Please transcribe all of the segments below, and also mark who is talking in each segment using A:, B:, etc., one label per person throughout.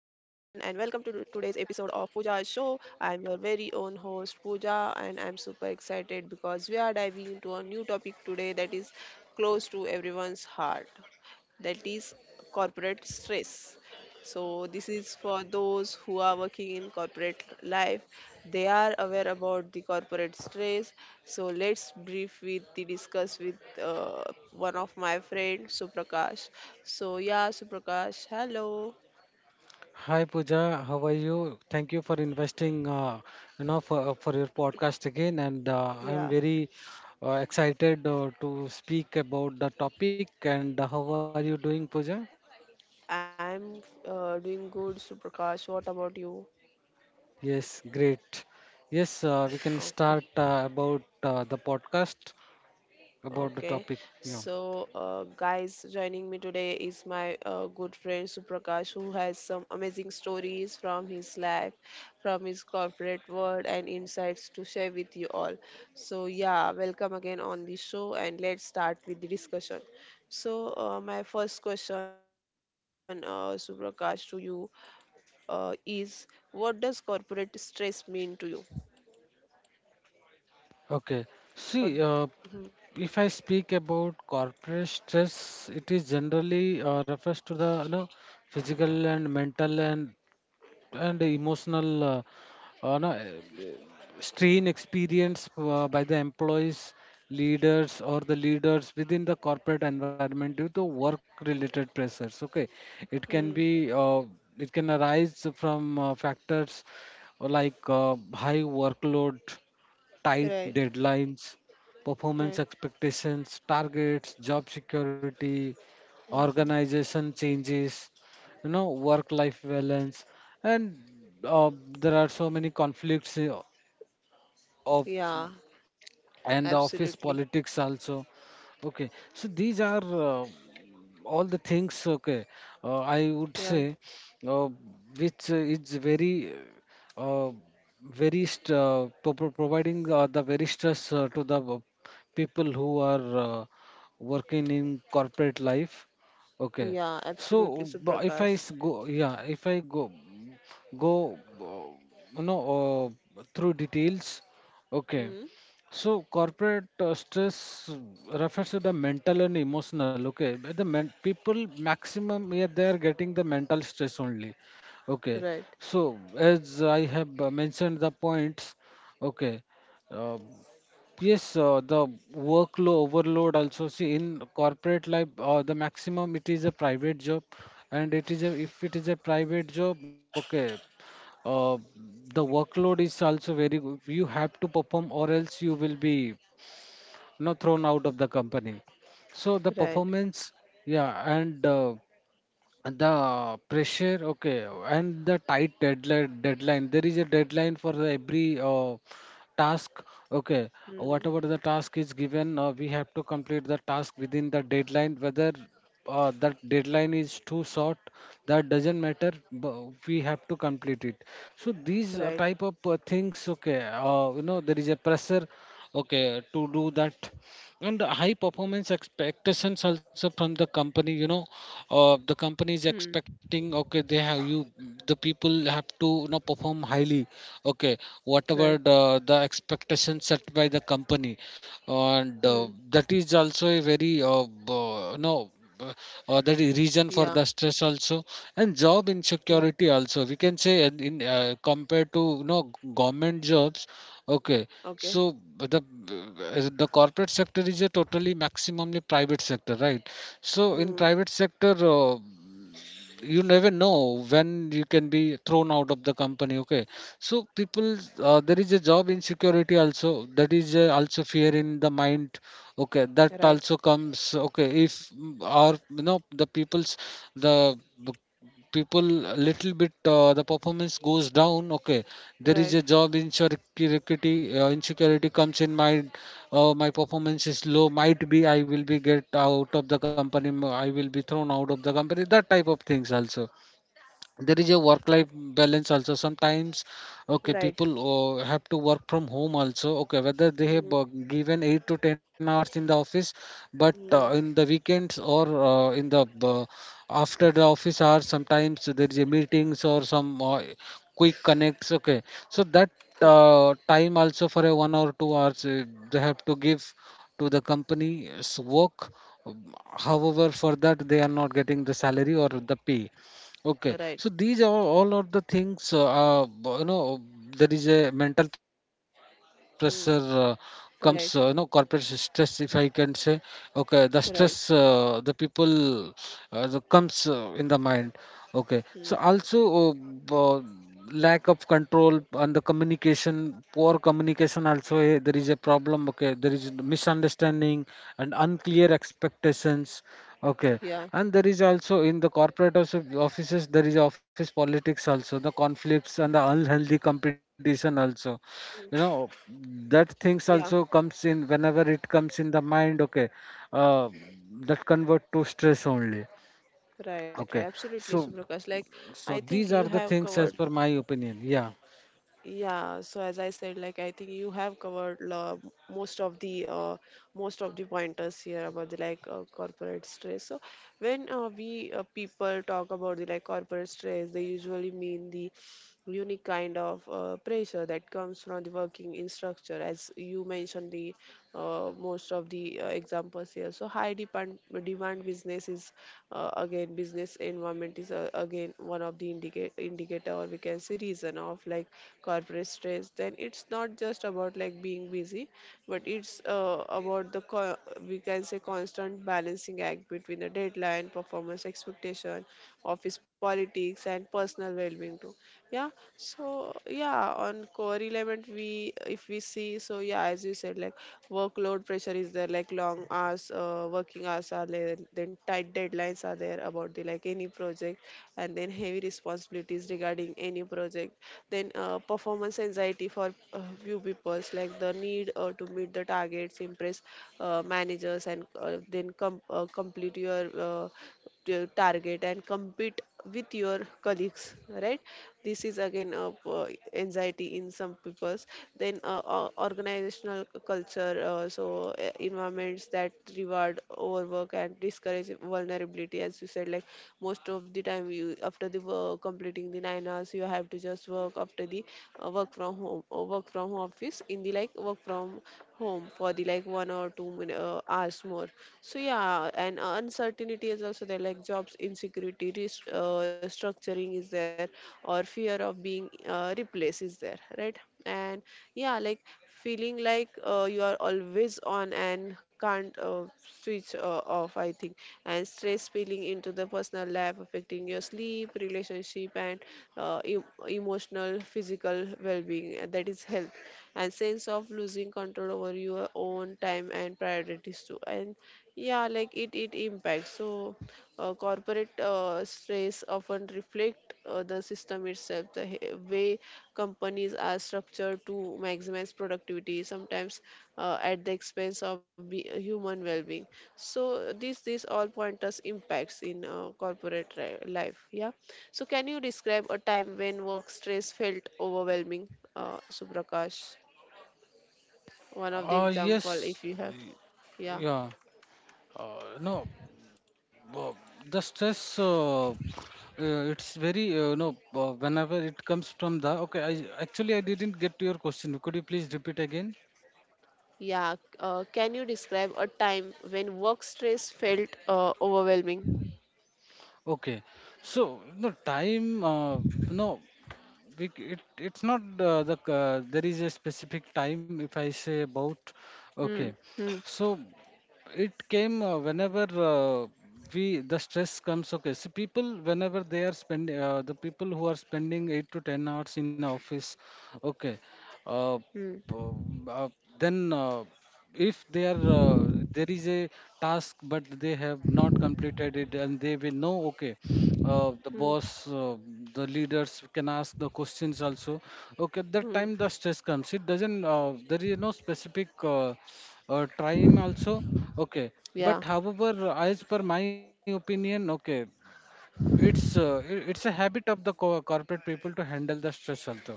A: episode of Pooja's show. I'm your very own host, Pooja, and I'm super excited because we are diving into a new topic today that is close to everyone's heart, that is corporate stress. So this is for those who are working in corporate life. They are aware about the corporate stress. So let's brief with the discuss with uh, one of my friend Suprakash. So yeah, Suprakash, hello.
B: Hi Pooja, how are you? Thank you for investing, for your podcast again, and I'm
A: Yeah,
B: very excited to speak about the topic. And how are you doing, Pooja?
A: I'm doing good, Suprakash. What about you?
B: Yes, great. Yes, we can
A: Okay.
B: start about the podcast about the
A: Okay,
B: topic. Yeah.
A: so guys, joining me today is my good friend Suprakash, who has some amazing stories from his life, from his corporate world, and insights to share with you all. So, yeah, welcome again on the show, and let's start with the discussion. So, my first question, Suprakash, to you is, what does corporate stress mean to you?
B: Okay.
A: Or,
B: See,
A: Mhm.
B: if I speak about corporate stress, it is generally refers to the physical and mental and emotional no, strain experienced by the employees, leaders, or the leaders within the corporate environment due to work-related pressures. Okay, it can
A: Hmm.
B: be uh, it can arise from factors like high workload, tight
A: Right,
B: deadlines,
A: right.
B: performance expectations, targets, job security,
A: Mhm.
B: organization changes, you know, work life balance, and uh, there are so many conflicts of
A: Yeah,
B: and the office
A: absolutely.
B: politics also. Okay, so these are, all the things. Okay, I would
A: Yeah,
B: say, uh, which is very, uh, providing the very stress to the, people who are, working in corporate life. Okay,
A: yeah,
B: so
A: absolutely,
B: bu- if I
A: Suprakash.
B: s- go yeah if I go go uh, you know through details. Okay,
A: Hmm.
B: so corporate stress refers to the mental and emotional. Okay, but people maximum, yeah, they are getting the mental stress only. Okay,
A: Right,
B: so as I have mentioned the points. Okay, uh, yes, the workload overload also. See, in corporate life, the maximum it is a private job, and it is a if it is a private job. Okay, uh, the workload is also very good. You have to perform, or else you will be, thrown out of the company. So the
A: right.
B: performance, yeah, and the pressure, okay, and the tight deadline, there is a deadline for the every task. Okay,
A: Hmm.
B: whatever the task is given, we have to complete the task within the deadline, whether that deadline is too short, that doesn't matter, we have to complete it. So these
A: Right.
B: type of things, okay, you know, there is a pressure, okay, to do that. And high performance expectations also from the company, you know, the company
A: Hmm.
B: is expecting, okay, the people have to, you know, perform highly. Okay,
A: Right.
B: whatever the expectation set by the company, and
A: Hmm.
B: that is also a very, uh, you know uh, that is reason
A: Yeah,
B: for the stress also. And job
A: yeah.
B: insecurity also, we can say, in compared to, you know, government jobs. Okay,
A: Okay.
B: so as the corporate sector is a totally maximumly private sector, right? So in
A: Hmm.
B: private sector, you never know when you can be thrown out of the company. Okay, so people, there is a job insecurity also. That is also fear in the mind, okay, that
A: Right.
B: also comes. Okay, if mm, our you know the people's the the people a little bit, the performance goes down, okay, there is
A: Right.
B: a job insecurity comes in mind. My performance is low, might be I will be get out of the company, I will be thrown out of the company, that type of things also. There is a work life balance also sometimes. Okay,
A: Right.
B: people have to work from home also, okay, whether they have
A: Hmm.
B: given 8 to 10 hours in the office, but
A: Hmm.
B: in the weekends or in the after the office hours, sometimes there is a meetings or some, quick connects. Okay, so that time also for a 1 or 2 hours, they have to give to the company's work. Um, However, for that they are not getting the salary or the pay. Okay,
A: Right.
B: so these are all are the things, you know, there is a mental pressure
A: Hmm.
B: comes, you know, corporate
A: Right.
B: stress, if I can say. Okay, the stress, the
A: Right.
B: people the comes in the mind. Okay, so also,
A: Hmm.
B: lack of control on the communication, poor communication also, there is a problem. Okay, there is misunderstanding and unclear expectations. Okay,
A: Yeah.
B: and there is also in the offices there is office politics also, the conflicts and the unhealthy competition also, you know, that things also
A: Yeah.
B: comes in whenever it comes in the mind. Okay, uh, that convert to stress only.
A: Right. Right.
B: Okay,
A: Absolutely,
B: so
A: Suprakash. Like, I
B: so
A: think
B: these
A: you
B: are the
A: have
B: things
A: covered
B: as per my opinion. Yeah.
A: Yeah, so as I said, like I think you have covered most of the uh, most of the pointers here about the like corporate stress. So when we people talk about the like corporate stress, they usually mean the unique kind of pressure that comes from the working in structure, as you mentioned the most of the examples here. So high demand businesses, again, business environment is, again, one of the indicator, or we can say reason of like corporate stress. Then it's not just about like being busy, but it's we can say constant balancing act between the deadline, performance expectation, office politics, and personal well-being too. Yeah, so yeah, on core element, we, if we see, so yeah, as you said, like workload pressure is there, like long hours, working hours are there, then tight deadlines are there about the like any project, and then heavy responsibilities regarding any project, then performance anxiety for a few people's, like the need to meet the targets, impress managers, and complete your target and compete with your colleagues, right? This is again anxiety in some people's, then organizational culture, environments that reward overwork and discourage vulnerability. As you said, like most of the time, you, after the work, completing the 9 hours, you have to just work after the work from home or work from office, in the like work from home for the like one or two hours more. So yeah, and uncertainty is also there, like jobs insecurity, structuring is there, or fear of being replaced is there, right? And yeah, like feeling like you are always on and can't switch off, I think. And stress spilling into the personal life, affecting your sleep, relationship, and uh, e- emotional, physical well-being, that is health. And sense of losing control over your own time and priorities too. And yeah, like it impacts. So corporate stress often reflect the system itself, the way companies are structured to maximize productivity sometimes at the expense of human well-being. So this all pointers impacts in corporate life. Yeah. So can you describe a time when work stress felt overwhelming, Suprakash? One of the
B: uh
A: example, if you have.
B: yes
A: Yeah,
B: yeah. No uh, the stress, it's very, no whenever it comes from the, okay, I actually I didn't get to your question, could you please repeat again?
A: yeah. Can you describe a time when work stress felt overwhelming?
B: Okay, so no time, no bec- it's not there is a specific time if I say about.
A: Hmm.
B: Okay,
A: Hmm.
B: so it came whenever, we the stress comes, okay, so people whenever they are spending, the people who are spending 8 to 10 hours in office. Okay, uh,
A: Hmm.
B: p- uh, then, if they are, there is a task but they have not completed it and they will know. Okay, uh, the
A: Hmm.
B: boss, uh, the leaders can ask the questions also. Okay, that time the
A: Hmm.
B: stress comes. It doesn't, there is no specific, time also. Okay, but
A: Yeah.
B: however, as per my opinion, okay, it's a habit of the corporate people to handle the stress also.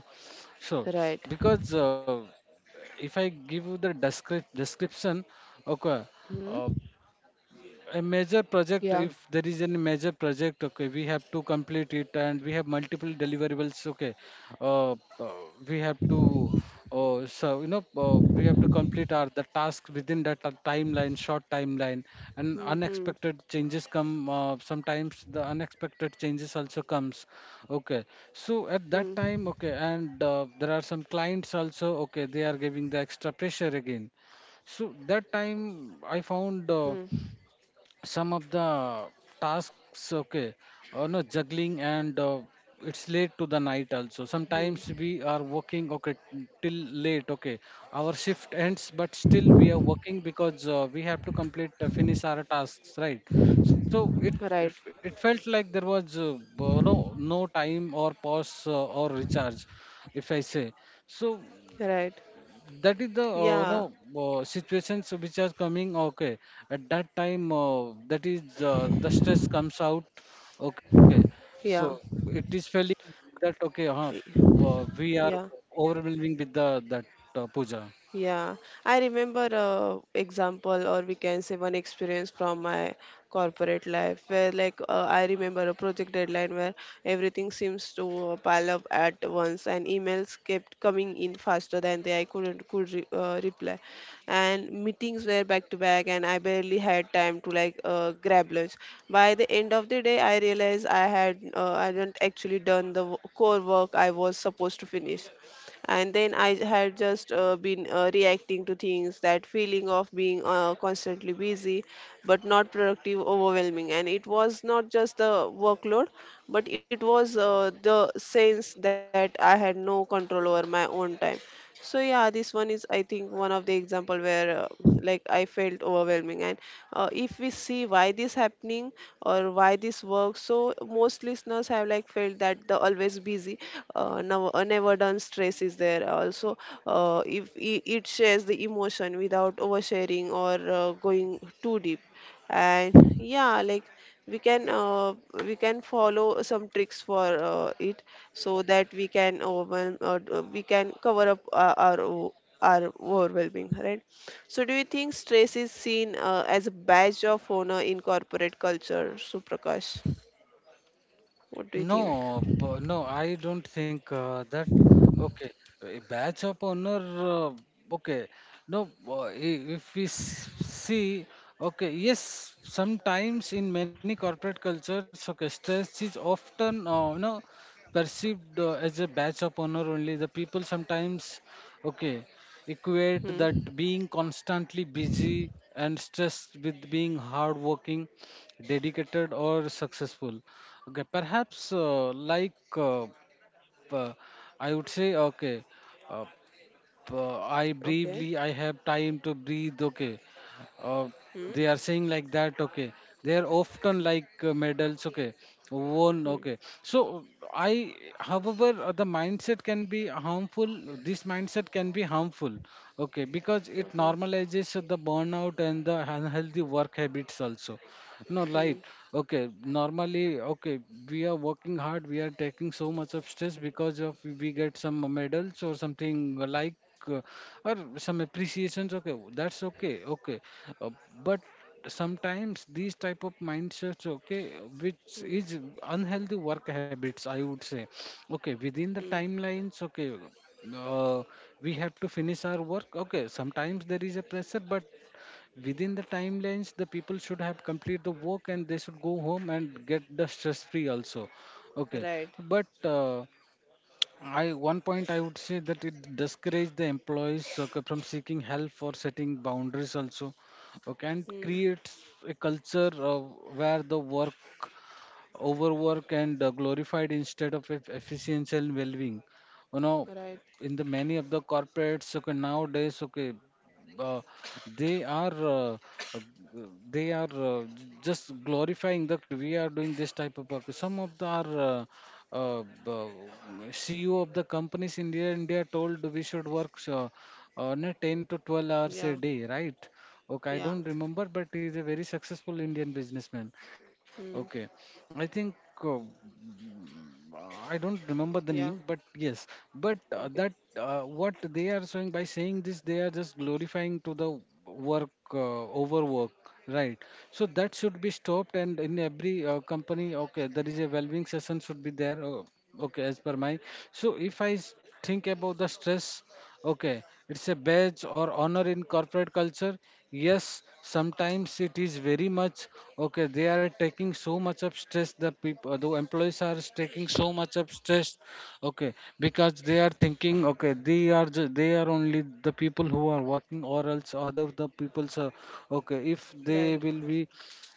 B: So,
A: Right.
B: because if I give you the description, okay.
A: Hmm.
B: uh, a major
A: Yeah.
B: project, if there is any major project, okay, we have to complete it and we have multiple deliverables. Okay, uh, uh, we have to, we have to complete our the task within that timeline, short timeline, and
A: Hmm. Hmm.
B: unexpected changes come, sometimes the unexpected changes also comes. Okay, so at that
A: Hmm.
B: time, okay, and there are some clients also, okay, they are giving the extra pressure again. So that time I
A: Hmm.
B: found, some of the tasks, okay, or no juggling and, it's late to the night also,
A: Hmm.
B: sometimes we are working, okay, till late. Okay, our shift ends but still we are working because we have to complete finish our tasks, right? So it it
A: Right.
B: it felt like there was no no time or pause or recharge, if I say. So
A: Right.
B: that is the, no
A: Yeah.
B: situations which are coming. Okay, at that time, that is the stress comes out. Okay, so
A: Yeah.
B: it is feeling that, okay, we are
A: Yeah.
B: overwhelming with the that, Puja.
A: Yeah, I remember a example, or we can say one experience from my corporate life, where like I remember a project deadline where everything seems to pile up at once, and emails kept coming in faster than they I couldn't could re- reply, and meetings were back to back, and I barely had time to like grab lunch. By the end of the day, I realized I hadn't actually done the core work I was supposed to finish, and then I had just been reacting to things. That feeling of being constantly busy but not productive, overwhelming. And it was not just the workload, but it was the sense that I had no control over my own time. So yeah, this one is, I think, one of the example where like I felt overwhelming. And if we see why this happening or why this works, so most listeners have like felt that the always busy, never done stress is there also. If I- it shares the emotion without oversharing or going too deep. And yeah, like we can uh, we can follow some tricks for it, so that we can overwhelm or we can cover up our overwhelming, right? So do you think stress is seen as a badge of honor in corporate culture, Suprakash? What do you think?
B: No, no, I don't think that. Okay, a badge of honor. Okay, no, if see, okay, yes, sometimes in many corporate cultures, okay, stress is often, you know, perceived as a badge of honor only. The people sometimes, okay, equate that
A: Hmm.
B: being constantly busy and stressed with being hardworking, dedicated, or successful. Okay, perhaps uh, I would say, okay, uh, I
A: Okay.
B: briefly I have time to breathe. Okay, uh, they
A: Hmm.
B: are saying like that. Okay, they are often like, medals. Okay, won.
A: Hmm.
B: Okay, so I, however, the mindset can be harmful. This mindset can be harmful. Okay, because it
A: Okay.
B: normalizes the burnout and the unhealthy work habits also. No, right.
A: Hmm.
B: Okay. Normally, okay, we are working hard. We are taking so much of stress because of we get some medals or something like, uh, or some appreciations. Okay, that's okay. Okay, uh, but sometimes these type of mindsets, okay, which
A: Hmm.
B: is unhealthy work habits, I would say. Okay,
A: Hmm.
B: within the timelines. Okay. Uh, we have to finish our work, okay, sometimes there is a pressure, but within the timelines the people should have complete the work and they should go home and get the stress free also. Okay,
A: Right.
B: but uh, I one point I would say that it discourages the employees, okay, from seeking help for setting boundaries also. Okay, and
A: Hmm.
B: creates a culture where the work overwork and, glorified instead of efficiency and well-being. You know,
A: Right.
B: in the many of the corporates, okay, nowadays, okay, uh, they are uh, uh, they are j- just glorifying that we are doing this type of work. Some of the are. Uh, uh, CEO of the companies in India told we should work on a 10 to 12 hours a
A: Yeah.
B: day, right? Okay, I
A: Yeah.
B: don't remember, but he's a very successful Indian businessman. Okay,
A: Hmm.
B: I think, uh, I don't remember the
A: Yeah.
B: name, but yes, but
A: Okay.
B: that, what they are showing by saying this, they are just glorifying to the work, overwork, right? So that should be stopped, and in every company, okay, there is a well-being session should be there, okay, as per my. So if I s- Think about the stress. Okay, it's a badge or honor in corporate culture. Yes, sometimes it is very much okay. They are taking so much of stress. The people, the employees are taking so much of stress. Okay, because they are thinking, okay, they are only the people who are working, or else other the people are, okay, if they
A: Right.
B: will be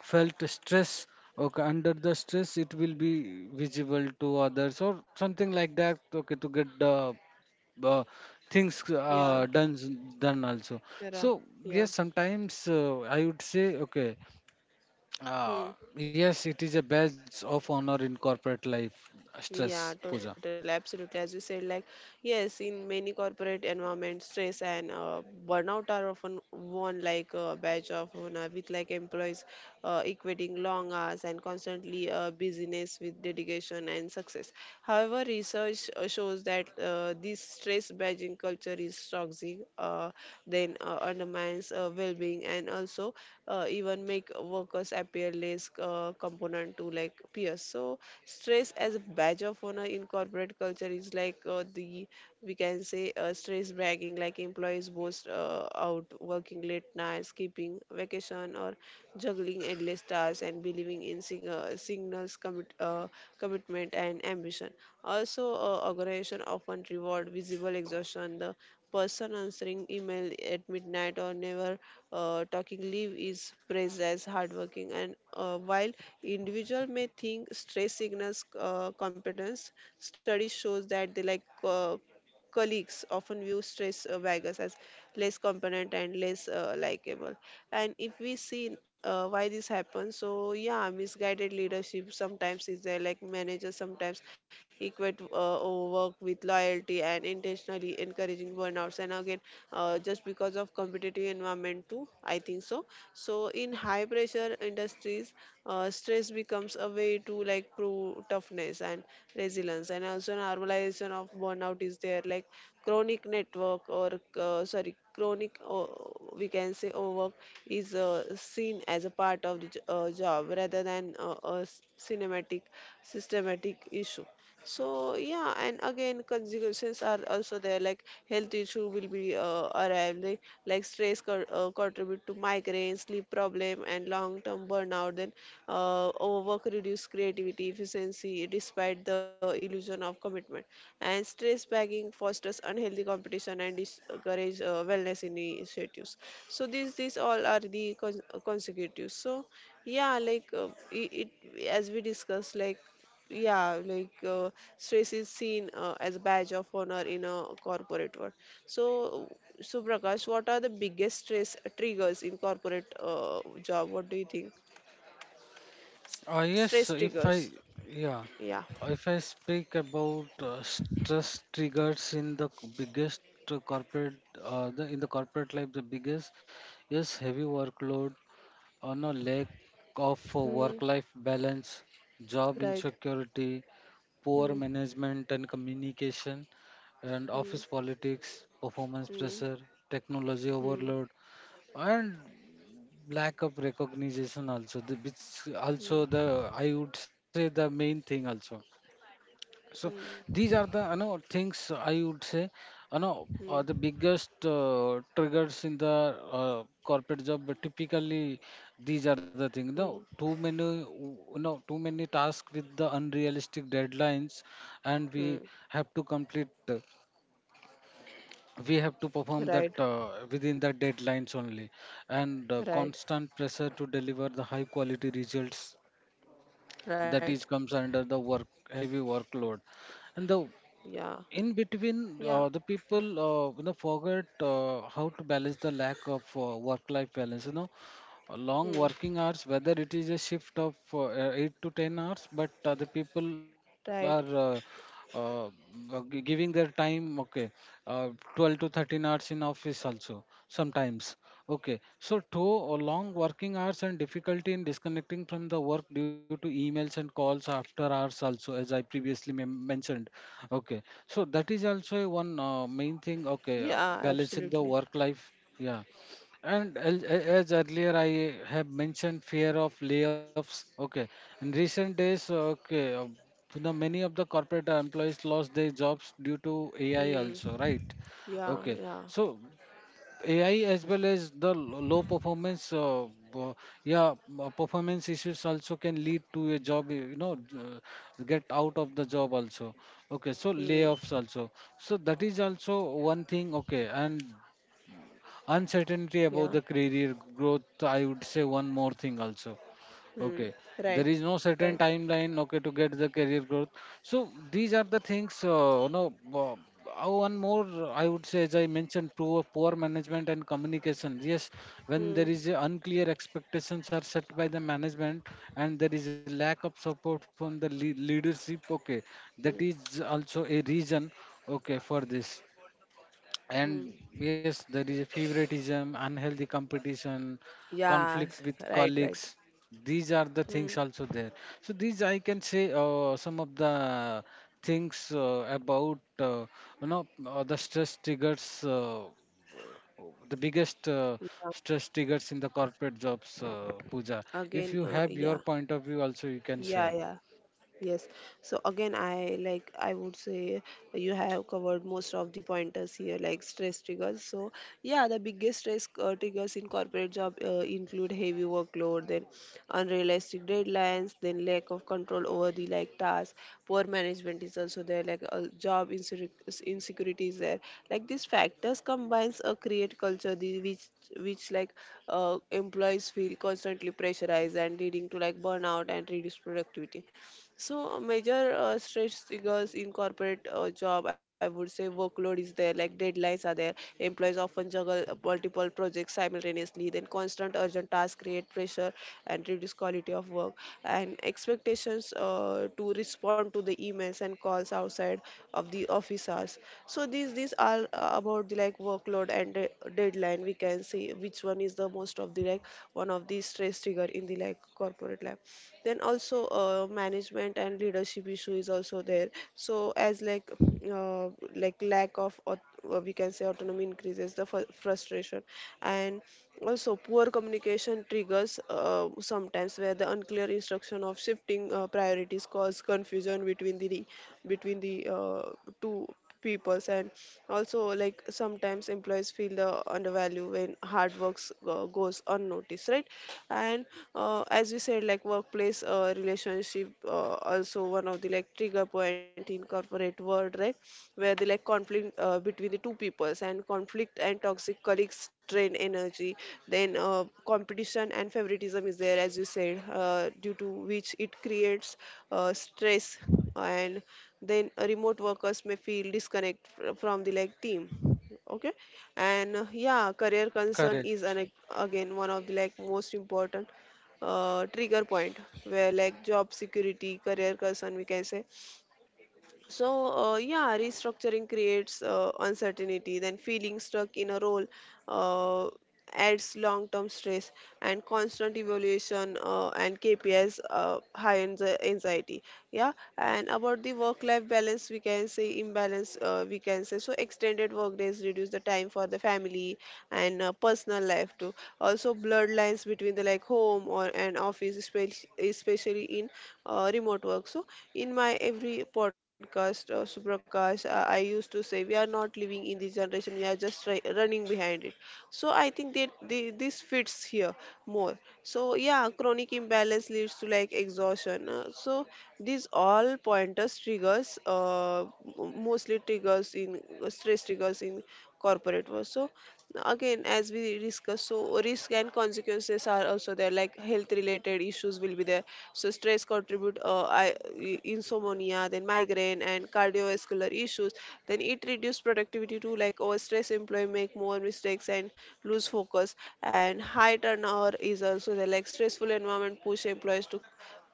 B: felt stress. Okay, under the stress, it will be visible to others or something like that. Okay, to get the uh, things
A: Yeah.
B: done done also So
A: Yeah.
B: yes,
A: Yeah.
B: sometimes I would say okay, uh,
A: Hmm.
B: yes, it is a badge of honor in corporate life. Stress. Puja.
A: Yeah, totally. Absolutely. As you said, like, yes, in many corporate environments, stress and burnout are often worn like a badge of honor, with like employees equating long hours and constantly busyness with dedication and success. However, research shows that this stress badging culture is toxic. Then undermines well-being, and also even make workers appear less component to like peers. So stress as a badge of honor in corporate culture is like the, we can say, stress bragging, like employees boast out working late nights, keeping vacation, or juggling endless tasks, and believing in signals, commitment and ambition. Also organization often reward visible exhaustion, the person answering email at midnight or never talking leave is praised as hardworking. And while individual may think stress signals competence, study shows that they, like colleagues, often view stress baggers as less competent and less likable. And if we see why this happens, so yeah, misguided leadership sometimes is there, like managers sometimes equate work with loyalty and intentionally encouraging burnouts. And again, just because of competitive environment too, I think. So, so so in high pressure industries, stress becomes a way to like prove toughness and resilience. And also normalization of burnout is there, like chronic network, or sorry, chronic we can say overwork is seen as a part of the job rather than cinematic, systematic issue. So yeah, and again, consequences are also there. Like health issue will be arrive. Like stress contribute to migraine, sleep problem, and long-term burnout. Then overwork reduce creativity, efficiency, despite the illusion of commitment. And stress bagging fosters unhealthy competition and discourage wellness initiatives. So these all are the consecutives. So yeah, like it, as we discussed, like yeah, like stress is seen as a badge of honor in a corporate world. So, so Prakash, what are the biggest stress triggers in corporate job? What do you think?
B: Yes.
A: Stress
B: If I
A: triggers.
B: yeah,
A: Yeah.
B: if I speak about stress triggers in biggest corporate, the in the corporate life, the biggest is heavy workload on no, lack of work
A: Hmm.
B: life balance, job
A: Right.
B: insecurity, poor
A: Hmm.
B: management and communication, and office
A: Hmm.
B: politics, performance
A: Hmm.
B: pressure, technology
A: Hmm.
B: overload, and lack of recognition also, which also
A: Hmm.
B: the, I would say, the main thing also. So these
A: Hmm.
B: are the you know things I would say, you know the
A: Mm,
B: biggest triggers in the corporate job. But typically these are the things. No,
A: mm,
B: too many you know too many tasks with the unrealistic deadlines, and we
A: mm.
B: have to complete. We have to perform that
A: Right,
B: within the deadlines only, and
A: right,
B: constant pressure to deliver the high quality results
A: right.
B: that is comes under the work, heavy workload. And the
A: Yeah,
B: in between,
A: yeah.
B: the people you know forget how to balance the lack of work-life balance. You know, long
A: Hmm.
B: working hours, whether it is a shift of 8 to 10 hours, but the people are
A: Right.
B: giving their time, okay, uh, 12 to 13 hours in office also sometimes. Okay, so two. Long working hours and difficulty in disconnecting from the work due to emails and calls after hours also, as I previously mentioned. Okay, so that is also a one main thing, okay,
A: Yeah,
B: balancing the
A: absolutely.
B: work life. Yeah, and as earlier I have mentioned, fear of layoffs. Okay, in recent days, okay, the many of the corporate employees lost their jobs due to AI
A: Hmm.
B: also, right?
A: Yeah,
B: Okay,
A: yeah.
B: so AI as well as low performance, uh, yeah, performance issues also can lead to a job, you know, get out of the job also. Okay, so
A: Hmm.
B: layoffs also. So that is also one thing. Okay, and uncertainty about
A: Yeah.
B: the career growth, I would say one more thing also. Okay,
A: Hmm.
B: there
A: Right.
B: is no certain
A: Right.
B: timeline, okay, to get the career growth. So these are the things no one more I would say, as I mentioned, poor management and communication. Yes, when
A: Hmm.
B: there is a unclear expectations are set by the management and there is lack of support from the leadership, okay, that
A: Hmm.
B: is also a reason, okay, for this.
A: Hmm.
B: And yes, there is a favoritism, unhealthy competition,
A: Yes.
B: conflict with
A: Right. Right.
B: colleagues. These are the
A: Hmm.
B: things also there. So these I can say some of the things about you know the stress triggers, the biggest
A: Yeah.
B: stress triggers in the corporate jobs, Puja,
A: Again.
B: if you have
A: Yeah.
B: your point of view also, you can
A: Yeah.
B: share.
A: Yeah. Yes. So again, I, like I would say, you have covered most of the pointers here, like stress triggers. So yeah, the biggest stress triggers in corporate job include heavy workload, then unrealistic deadlines, then lack of control over the like tasks, poor management is also there, like job insecurity is there. Like these factors combines a create culture, the, which like employees feel constantly pressurized and leading to like burnout and reduced productivity. So a major stress triggers in corporate job, I would say workload is there, like deadlines are there. Employees often juggle multiple projects simultaneously. Then constant urgent tasks create pressure and reduce quality of work. And expectations to respond to the emails and calls outside of the office hours. So these are about the like workload and deadlines line we can see which one is the most of the like one of the stress trigger in the like corporate life. Then also management and leadership issue is also there. So as uh, like lack of au- We can say autonomy increases the frustration, and also poor communication triggers sometimes, where the unclear instruction of shifting priorities cause confusion between the between the uh, two peoples. And also, like, sometimes employees feel the undervalue when hard works goes unnoticed, right? And as we said, like, workplace relationship also one of the like trigger point in corporate world, right, where the like conflict between the two peoples, and conflict and toxic colleagues drain energy. Then competition and favoritism is there, as you said, due to which it creates stress. And then remote workers may feel disconnect from the like team, okay. And yeah, career concern is
B: Correct.
A: again one of the like most important trigger point, where, like, job security, career concern we can say. So, yeah, restructuring creates uncertainty, then feeling stuck in a role uh, adds long term stress, and constant evaluation and KPIs high anxiety. Yeah, and about the work life balance, we can say imbalance, we can say. So extended workdays reduce the time for the family and personal life too. Also, bloodlines between the like home or and office, especially in remote work. So, in my every podcast or supercast, I used to say we are not living in this generation; we are just running behind it. So I think that this fits here more. So yeah, chronic imbalance leads to like exhaustion. So these all pointers triggers m- mostly triggers in stress triggers in corporate work. So again, as we discuss, so risk and consequences are also there, like health related issues will be there. So stress contribute insomnia, then migraine and cardiovascular issues. Then it reduce productivity too, like over stress employee make more mistakes and lose focus. And high turnover is also there, like stressful environment push employees to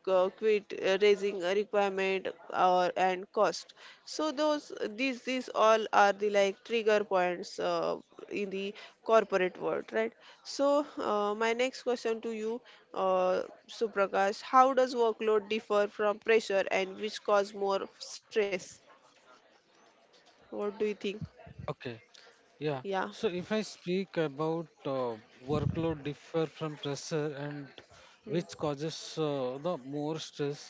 A: quit, raising a requirement or and cost. So those these all are the like trigger points in the corporate world, right? So my next question to you, uh, Suprakash: how does workload differ from pressure, and which cause more stress? What do you think?
B: Okay. Yeah.
A: Yeah.
B: So if I speak about workload differ from pressure and
A: Hmm.
B: which causes the more stress.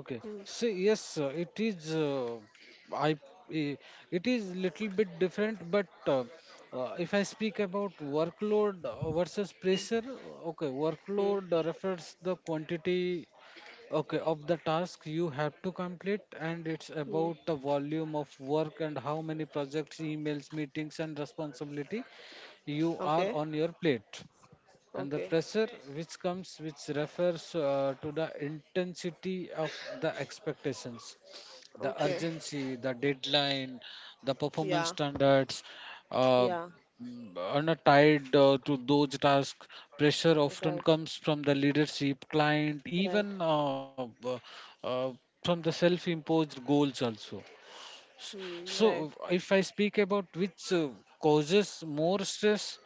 B: Okay.
A: Hmm.
B: So yes, it is. I. i- It is little bit different, but uh, if I speak about workload versus pressure, okay,
A: Hmm.
B: workload refers the quantity, okay, of the tasks you have to complete, and it's
A: Hmm.
B: about the volume of work and how many projects, emails, meetings, and responsibility you are
A: Okay.
B: on your plate. And the
A: Okay.
B: pressure which comes, which refers to the intensity of the expectations, the
A: Okay.
B: urgency, the deadline, the performance
A: Yeah,
B: standards, uh,
A: yeah,
B: are not tied to those tasks. Pressure often
A: right,
B: comes from the leadership, client,
A: right.
B: even uh, from the self imposed goals also.
A: Hmm. Right,
B: So, if I speak about which causes more stress,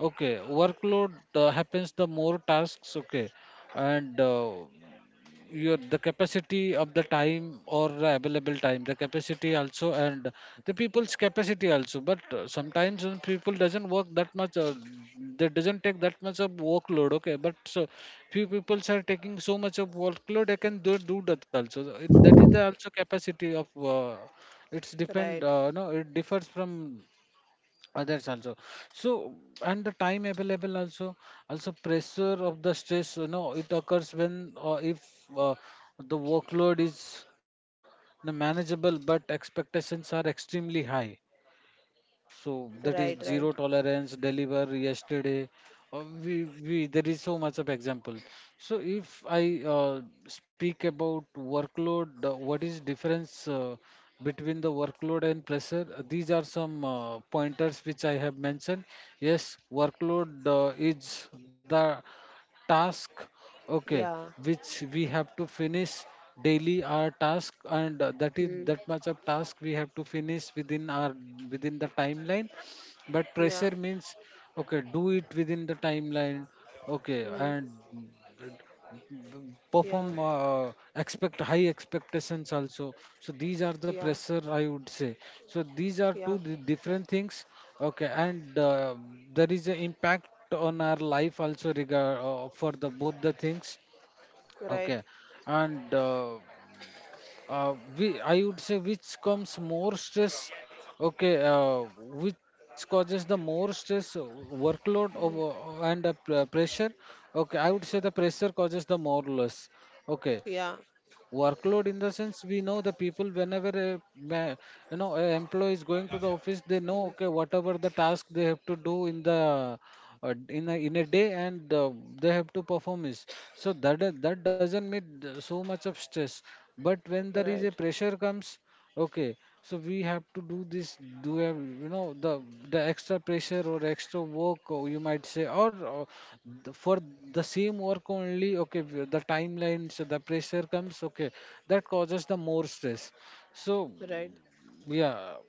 B: okay, workload happens the more tasks, okay, and your the capacity of the time or the available time, the capacity also, and the people's capacity also, but sometimes when people doesn't work that much or they doesn't take that much of workload, okay, but so few peoples are taking so much of workload, they can do, do that also. So, it, that is the also capacity of it's depend
A: right.
B: no, it differs from others also. So and the time available also, also pressure of the stress, you know, it occurs when if uh, the workload is, you know, manageable but expectations are extremely high. So that is
A: Right,
B: zero
A: right.
B: tolerance, deliver yesterday. We there is so much of example. So if I speak about workload, what is difference between the workload and pressure? These are some pointers which I have mentioned. Yes, workload is the task, okay,
A: Yeah.
B: which we have to finish daily, our task, and that is
A: Hmm.
B: that much of task we have to finish within our within the timeline. But pressure
A: Yeah.
B: means, okay, do it within the timeline. Okay,
A: Hmm.
B: and
A: Yeah.
B: perform, expect high expectations also. So these are the
A: Yeah.
B: pressure, I would say. So these are
A: Yeah.
B: two different things. Okay, and there is an impact on our life also regard for the both the things.
A: Right.
B: Okay, and I would say which comes more stress. Okay, which causes the more stress, workload of,
A: Hmm.
B: and the pressure. Okay, I would say the pressure causes the more loss. Okay,
A: Yeah.
B: workload in the sense we know the people whenever a, you know, a employee is going to the office, they
A: Hmm.
B: know okay whatever the task they have to do in the in a day, and they have to perform is. So that doesn't mean so much of stress. But when there is
A: Right.
B: a pressure comes, okay, so we have to do this, do a, you know, the extra pressure or extra work, or you might say, or the, for the same work only. Okay, the timelines, so the pressure comes. Okay, that causes the more stress. So
A: Right.
B: yeah,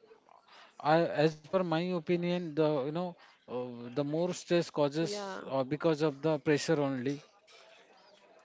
B: I, as per my opinion, the you know, the more stress causes
A: Yeah,
B: because of the pressure only,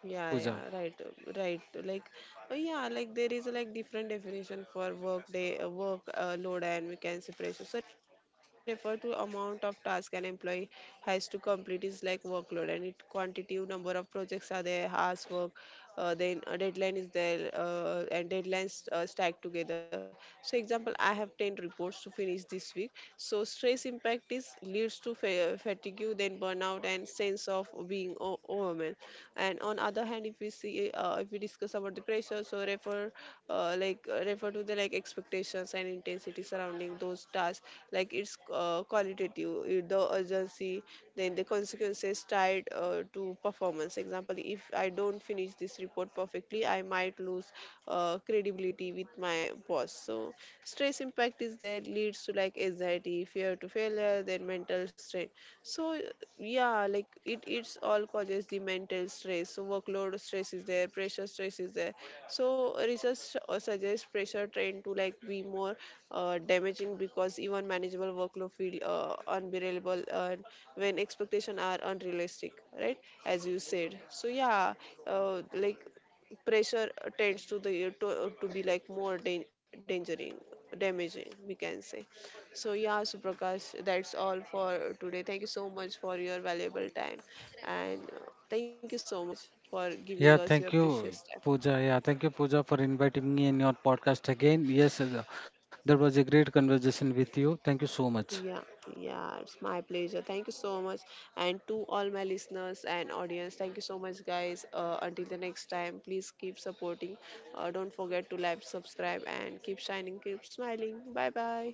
A: yeah, yeah,
B: Puja.
A: right, right, like, yeah, like there is like different definition for work day work load, and we can separation. So refer to amount of task an employee has to complete is like workload, and it quantitative number of projects are there, hours work, then a deadline is there, and deadlines stacked together. So example, I have 10 reports to finish this week. So stress impact is leads to fatigue, then burnout and sense of being overwhelmed. And on other hand, if we see, if we discuss about the pressure, so refer refer to the like expectations and intensity surrounding those tasks, like it's qualitative, the urgency, then the consequences tied to performance. Example, if I don't finish this report perfectly, I might lose credibility with my boss. So stress impact is there, leads to like anxiety, fear to failure, then mental strain. So yeah, like it's all causes the mental stress. So workload stress is there, pressure stress is there. So research suggests pressure train to like be more damaging, because even manageable workload feel unbearable when expectations are unrealistic, right? As you said. So yeah, like pressure tends to to be like more dangerous, damaging, we can say. So yeah, Suprakash, that's all for today. Thank you so much for your valuable time, and thank you so much for giving us
B: Yeah,
A: your
B: thank
A: precious
B: you,
A: time.
B: Pooja. Yeah, thank you, Pooja, for inviting me in your podcast again. Yes, there was a great conversation with you. Thank you so much.
A: Yeah, yeah, it's my pleasure. Thank you so much. And to all my listeners and audience, thank you so much, guys. Until the next time, please keep supporting. Don't forget to like, subscribe, and keep shining, keep smiling. Bye bye.